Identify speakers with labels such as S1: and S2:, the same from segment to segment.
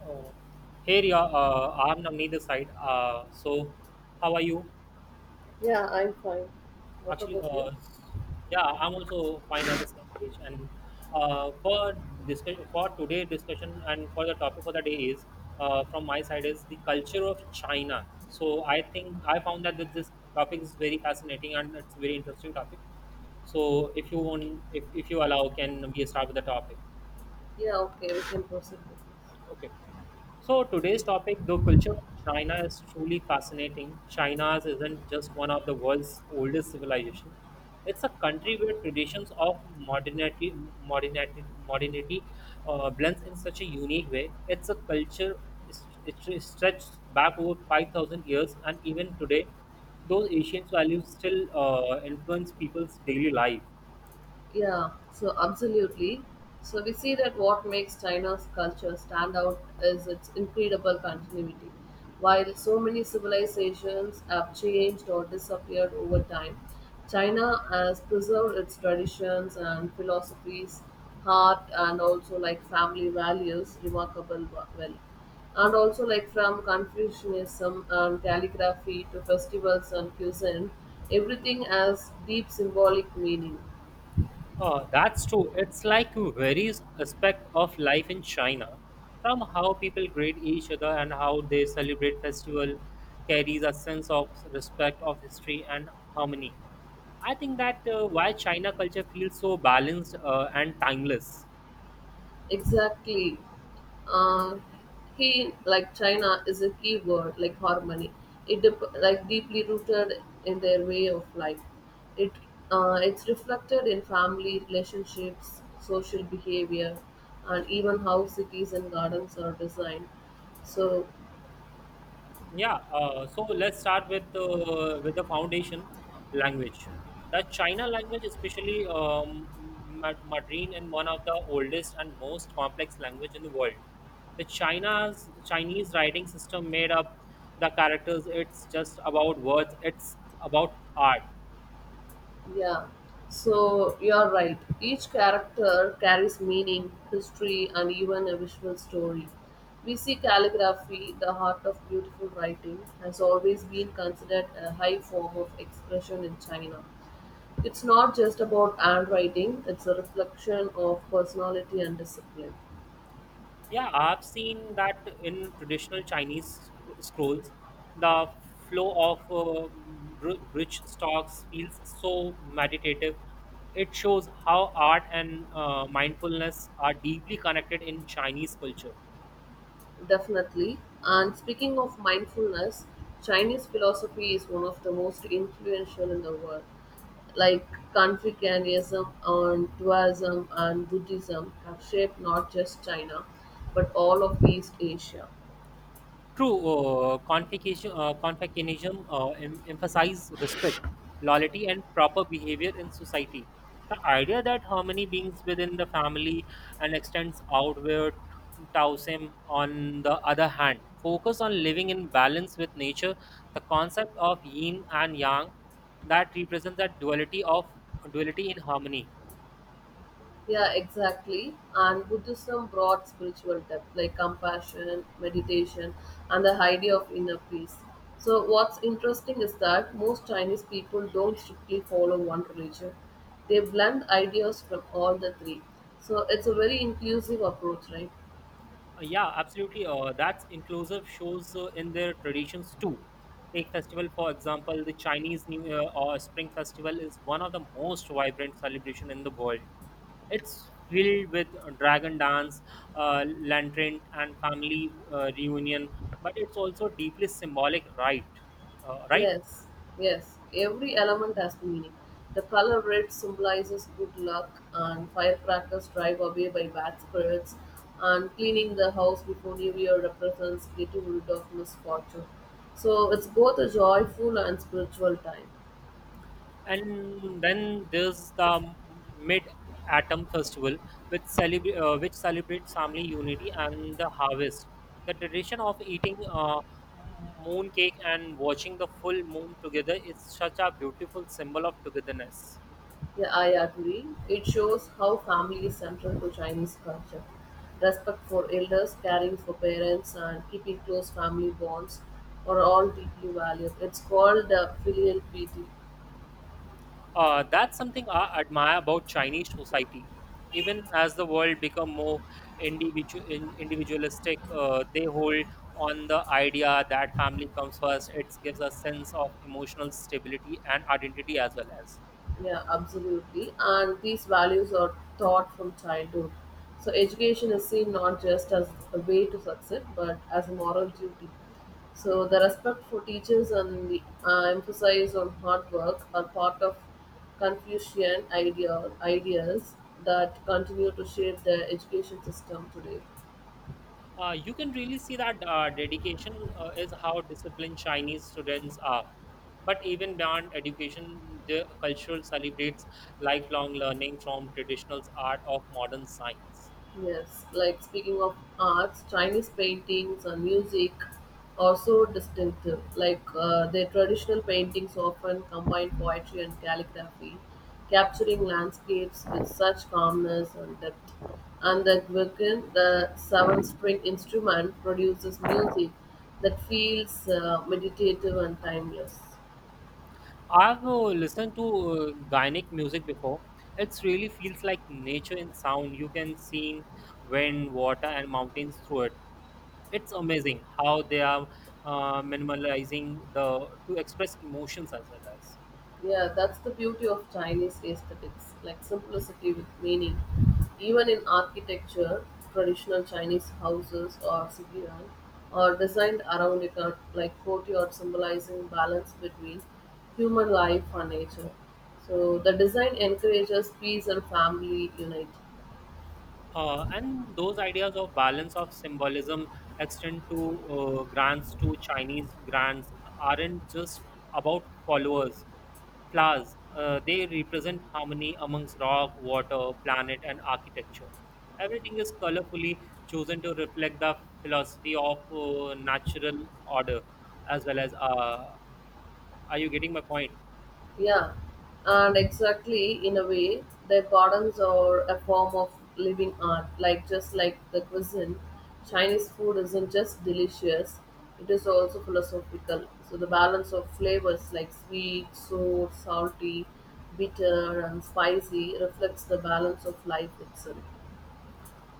S1: Oh, here you I'm on neither side. How are you?
S2: Yeah, I'm fine. What
S1: Actually,
S2: about you?
S1: uh, yeah, I'm also fine at the same page. And for discussion for today discussion and for the topic for the day is from my side is the culture of China. So I think I found that this topic is very fascinating and it's a very interesting topic. So if you want, if you allow, can we start with the topic?
S2: Yeah, okay, we can proceed.
S1: Okay. So today's topic, the culture of China is truly fascinating. China isn't just one of the world's oldest civilization. It's a country where traditions of modernity, modernity, modernity blends in such a unique way. It's a culture it stretches back over 5,000 years, and even today, those ancient values still influence people's daily life.
S2: Yeah, so absolutely. So we see that what makes China's culture stand out is its incredible continuity. While so many civilizations have changed or disappeared over time, China has preserved its traditions and philosophies, art, and also like family values remarkable well. And also like from Confucianism and calligraphy to festivals and cuisine, everything has deep symbolic meaning.
S1: That's true. It's like various aspect of life in China, from how people greet each other and how they celebrate festival, carries a sense of respect of history and harmony. I think that why China culture feels so balanced and timeless.
S2: Exactly. Uh, he like China is a key word like harmony. It like deeply rooted in their way of life. It it's reflected in family relationships, social behavior, and even how cities and gardens are designed. So
S1: Yeah, let's start with the foundation language. The China language, especially Mandarin, and one of the oldest and most complex language in the world. The China's Chinese writing system made up the characters. It's just about words. It's about art.
S2: yeah, so you're right. Each character carries meaning, history, and even a visual story. We see calligraphy, the art of beautiful writing, has always been considered a high form of expression in China. It's not just about handwriting, it's a reflection of personality and discipline.
S1: Yeah, I've seen that in traditional Chinese scrolls, the flow of bridge stocks feels so meditative. It shows how art and mindfulness are deeply connected in Chinese culture.
S2: Definitely. And speaking of mindfulness, Chinese philosophy is one of the most influential in the world. Like Confucianism and Taoism and Buddhism have shaped not just China but all of East Asia.
S1: True, confucianism emphasize respect, loyalty, and proper behavior in society. The idea that harmony begins within the family and extends outward, Taoism, on the other hand, focus on living in balance with nature. The concept of yin and yang that represents that duality in harmony.
S2: Yeah, exactly. And Buddhism brought spiritual depth like compassion, meditation, and the idea of inner peace. So what's interesting is that most Chinese people don't strictly follow one religion, they blend ideas from all the three. So it's a very inclusive approach, right?
S1: Yeah, absolutely. That's inclusive shows in their traditions too. Take festival for example, the Chinese New Year or Spring Festival is one of the most vibrant celebration in the world. It's filled with dragon dance, lantern, and family reunion, but it's also deeply symbolic, right? Right?
S2: Yes, yes. Every element has the meaning. The color red symbolizes good luck, and firecrackers drive away by bad spirits, and cleaning the house before New Year represents getting rid of misfortune. So it's both a joyful and spiritual time.
S1: And then there's the mid autumn festival which celebrates family unity and the harvest, the tradition of eating moon cake and watching the full moon together is such a beautiful symbol of togetherness.
S2: Yeah, I agree. It shows how family is central to Chinese culture. Respect for elders, caring for parents, and keeping close family bonds are all deeply valued. It's called filial piety.
S1: That's something I admire about Chinese society. Even as the world become more individualistic, they hold on the idea that family comes first. It gives a sense of emotional stability and identity as well as.
S2: Yeah, absolutely. And these values are taught from childhood. So education is seen not just as a way to succeed, but as a moral duty. So the respect for teachers and the emphasis on hard work are part of ideas that continue to shape the education system today.
S1: You can really see that dedication is how disciplined Chinese students are. But even beyond education, the culture celebrates lifelong learning from traditional art of modern science.
S2: Yes, like speaking of arts, Chinese paintings and music are so distinctive. Like their traditional paintings often combine poetry and calligraphy, capturing landscapes with such calmness and depth. And the guigan, the seven string instrument, produces music that feels meditative and timeless.
S1: I've listened to Gainic music before. It really feels like nature in sound. You can sing wind, water, and mountains through it. It's amazing how they are minimalizing the to express emotions as well as.
S2: Yeah, that's the beauty of Chinese aesthetics, like simplicity with meaning. Even in architecture, traditional Chinese houses or sigiran are designed around a court, like courtyard symbolizing balance between human life and nature. So the design encourages peace and family unity.
S1: And those ideas of balance of symbolism extend to grants to Chinese grants aren't just about flowers. They represent harmony amongst rock, water, planet, and architecture. Everything is colorfully chosen to reflect the philosophy of natural order, as well as. Are you getting my point?
S2: Yeah, and exactly in a way, their gardens are a form of living art. Like just like the cuisine, Chinese food isn't just delicious; it is also philosophical. So the balance of flavors like sweet, sour, salty, bitter, and spicy reflects the balance of life itself.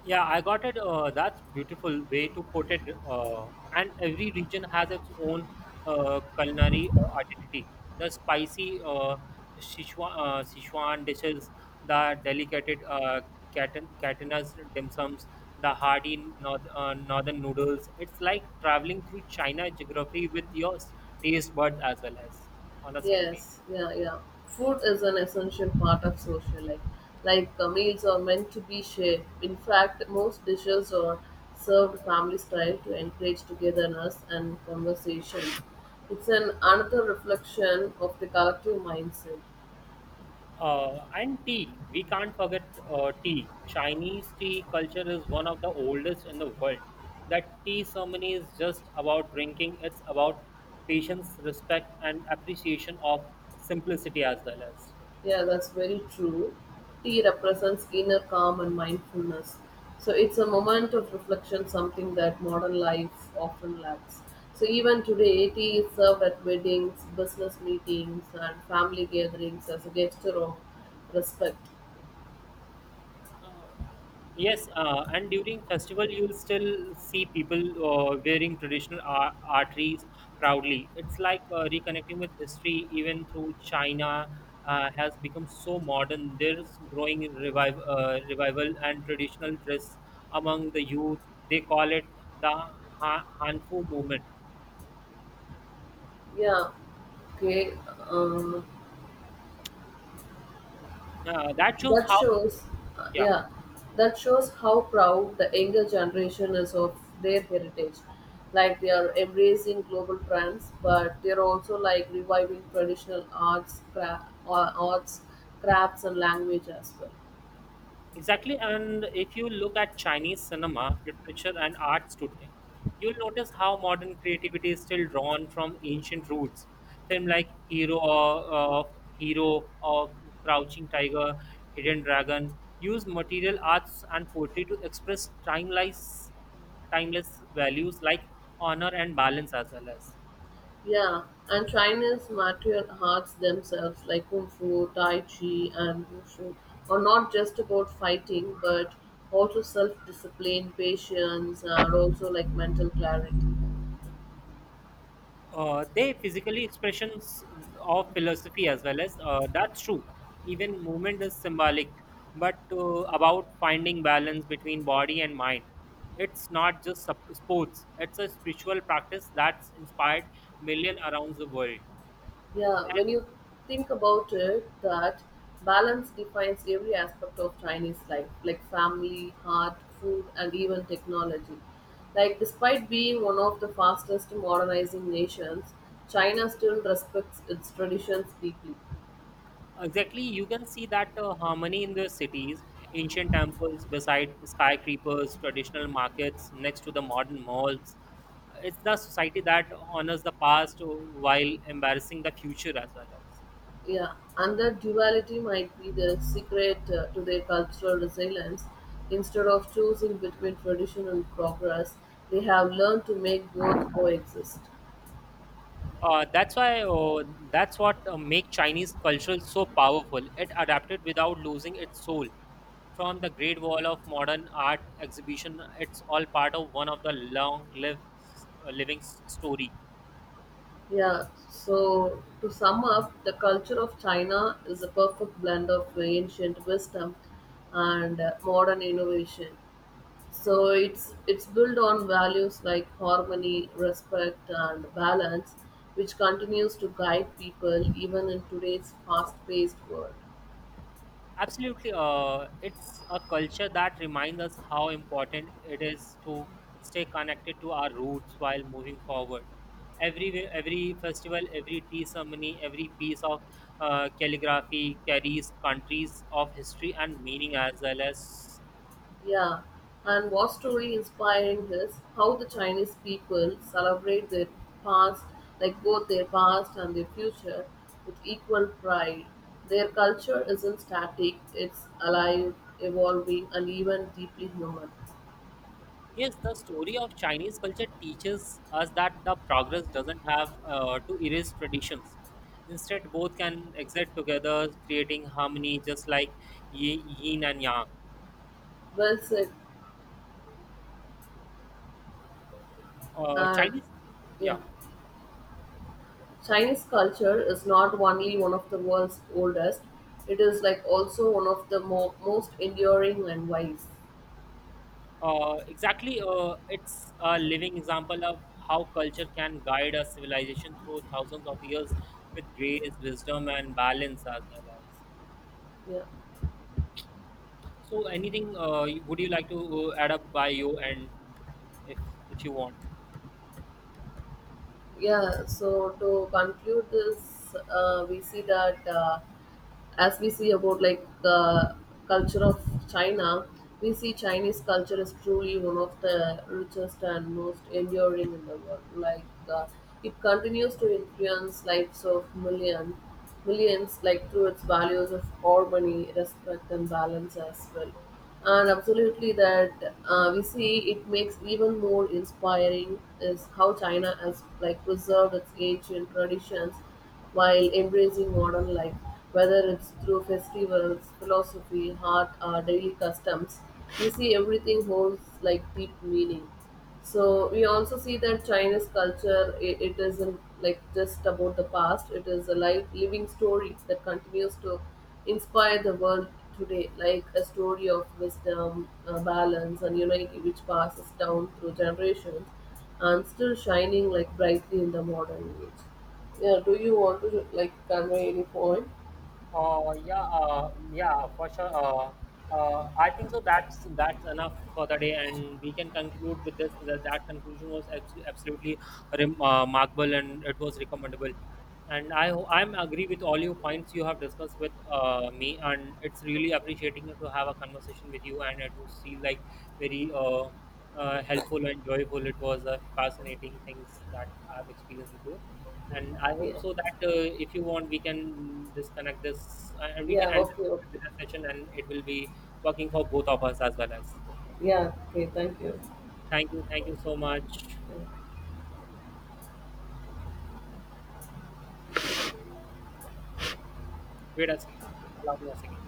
S1: Yeah, I got it. That's beautiful way to put it. And every region has its own culinary identity. The spicy Sichuan dishes, the delicate Catanas dim sums, the hearty northern noodles. It's like traveling through China geography with your taste buds as well as on the same page.
S2: Yes, yeah, yeah. Food is an essential part of social life. Like meals are meant to be shared. In fact, most dishes are served family style to encourage togetherness and conversation. It's an another reflection of the collective mindset.
S1: And tea, we can't forget tea. Chinese tea culture is one of the oldest in the world. That tea ceremony is just about drinking, it's about patience, respect, and appreciation of simplicity as well as.
S2: Yeah, that's very true. Tea represents inner calm and mindfulness. So it's a moment of reflection, something that modern life often lacks. So even today, tea is served at weddings, business meetings, and family gatherings as a gesture of respect.
S1: Uh, Yes, and during festival you'll still see people arteries proudly. It's like reconnecting with history, even through China has become so modern. There's growing revival and traditional dress among the youth. They call it the Hanfu movement.
S2: Yeah, okay. Um,
S1: Uh, that shows
S2: That
S1: how,
S2: shows,
S1: yeah.
S2: yeah, that shows how proud the younger generation is of their heritage. Like they are embracing global trends, but they're also like reviving traditional arts, arts, crafts, and language as well.
S1: Exactly, and if you look at Chinese cinema, literature, and arts today, you'll notice how modern creativity is still drawn from ancient roots. Film like Hero or uh, Hero or Crouching Tiger, Hidden Dragon use material arts and poetry to express timeless values like honor and balance as well as.
S2: Yeah, and China's martial arts themselves, like kung fu, tai chi, and wushu, are not just about fighting, but also self-discipline, patience, and also like mental clarity.
S1: They physically expressions of philosophy as well as. That's true, even movement is symbolic, but about finding balance between body and mind. It's not sports, it's a spiritual practice that's inspired million around the world.
S2: Yeah, when you think about it, that balance defines every aspect of Chinese life, like family, art, food, and even technology. Like, despite being one of the fastest modernizing nations, China still respects its traditions deeply.
S1: Exactly, you can see that harmony in the cities, ancient temples beside skyscrapers, traditional markets next to the modern malls. It's the society that honors the past while embarrassing the future as well as.
S2: Yeah, and that duality might be the secret to their cultural resilience. Instead of choosing between tradition and progress, they have learned to make both coexist.
S1: Uh, that's why uh, that's what make Chinese culture so powerful. It adapted without losing its soul. From the Great Wall of Modern Art exhibition, it's all part of one of the long lived story.
S2: Yeah, so to sum up, the culture of China is a perfect blend of ancient wisdom and modern innovation. So it's built on values like harmony, respect, and balance, which continues to guide people even in today's fast-paced world.
S1: Absolutely. It's a culture that reminds us how important it is to stay connected to our roots while moving forward. Every festival, every tea ceremony, every piece of calligraphy carries countries of history and meaning as well as.
S2: Yeah, and what's truly inspiring is how the Chinese people celebrate their past, like both their past and their future, with equal pride. Their culture isn't static, it's alive, evolving, and even deeply human.
S1: Yes, the story of Chinese culture teaches us that the progress doesn't have to erase traditions. Instead, both can exist together, creating harmony, just like yin and yang.
S2: Well said.
S1: uh,
S2: And
S1: Chinese, yeah,
S2: yeah, Chinese culture is not only one of the world's oldest, it is like also one of the most enduring and wise.
S1: exactly. It's a living example of how culture can guide a civilization through thousands of years with grace, wisdom, and balance as well as.
S2: Yeah.
S1: So, anything would you like to add up by you, and if if you want?
S2: Yeah, so to conclude this we see that as we see about like the culture of China, we see Chinese culture is truly one of the richest and most enduring in the world. Like uh, it continues to influence lives of millions, like through its values of harmony, respect, and balance as well. And absolutely, that we see it makes even more inspiring is how China has like preserved its ancient traditions while embracing modern life, whether it's through festivals, philosophy, art, or daily customs. We see everything holds like deep meaning. So we also see that China's culture it isn't like just about the past. It is a life living story that continues to inspire the world today, like a story of wisdom, balance, and unity, which passes down through generations and still shining like brightly in the modern age. Yeah, do you want to like convey any point?
S1: Yeah, for sure. I think so. That's enough for the day, and we can conclude with this. That conclusion was absolutely remarkable, and it was recommendable. And I'm agree with all your points you have discussed with me, and it's really appreciating to have a conversation with you, and it was feel like very helpful and joyful. It was a fascinating things that I've experienced with you, and I
S2: Yeah,
S1: hope so that if you want, we can disconnect this and we can
S2: yeah,
S1: end
S2: okay, okay.
S1: this session, and it will be working for both of us as well as.
S2: Yeah, okay, thank you.
S1: Thank you so much.
S2: Yeah,
S1: Wait a second, allow me a second.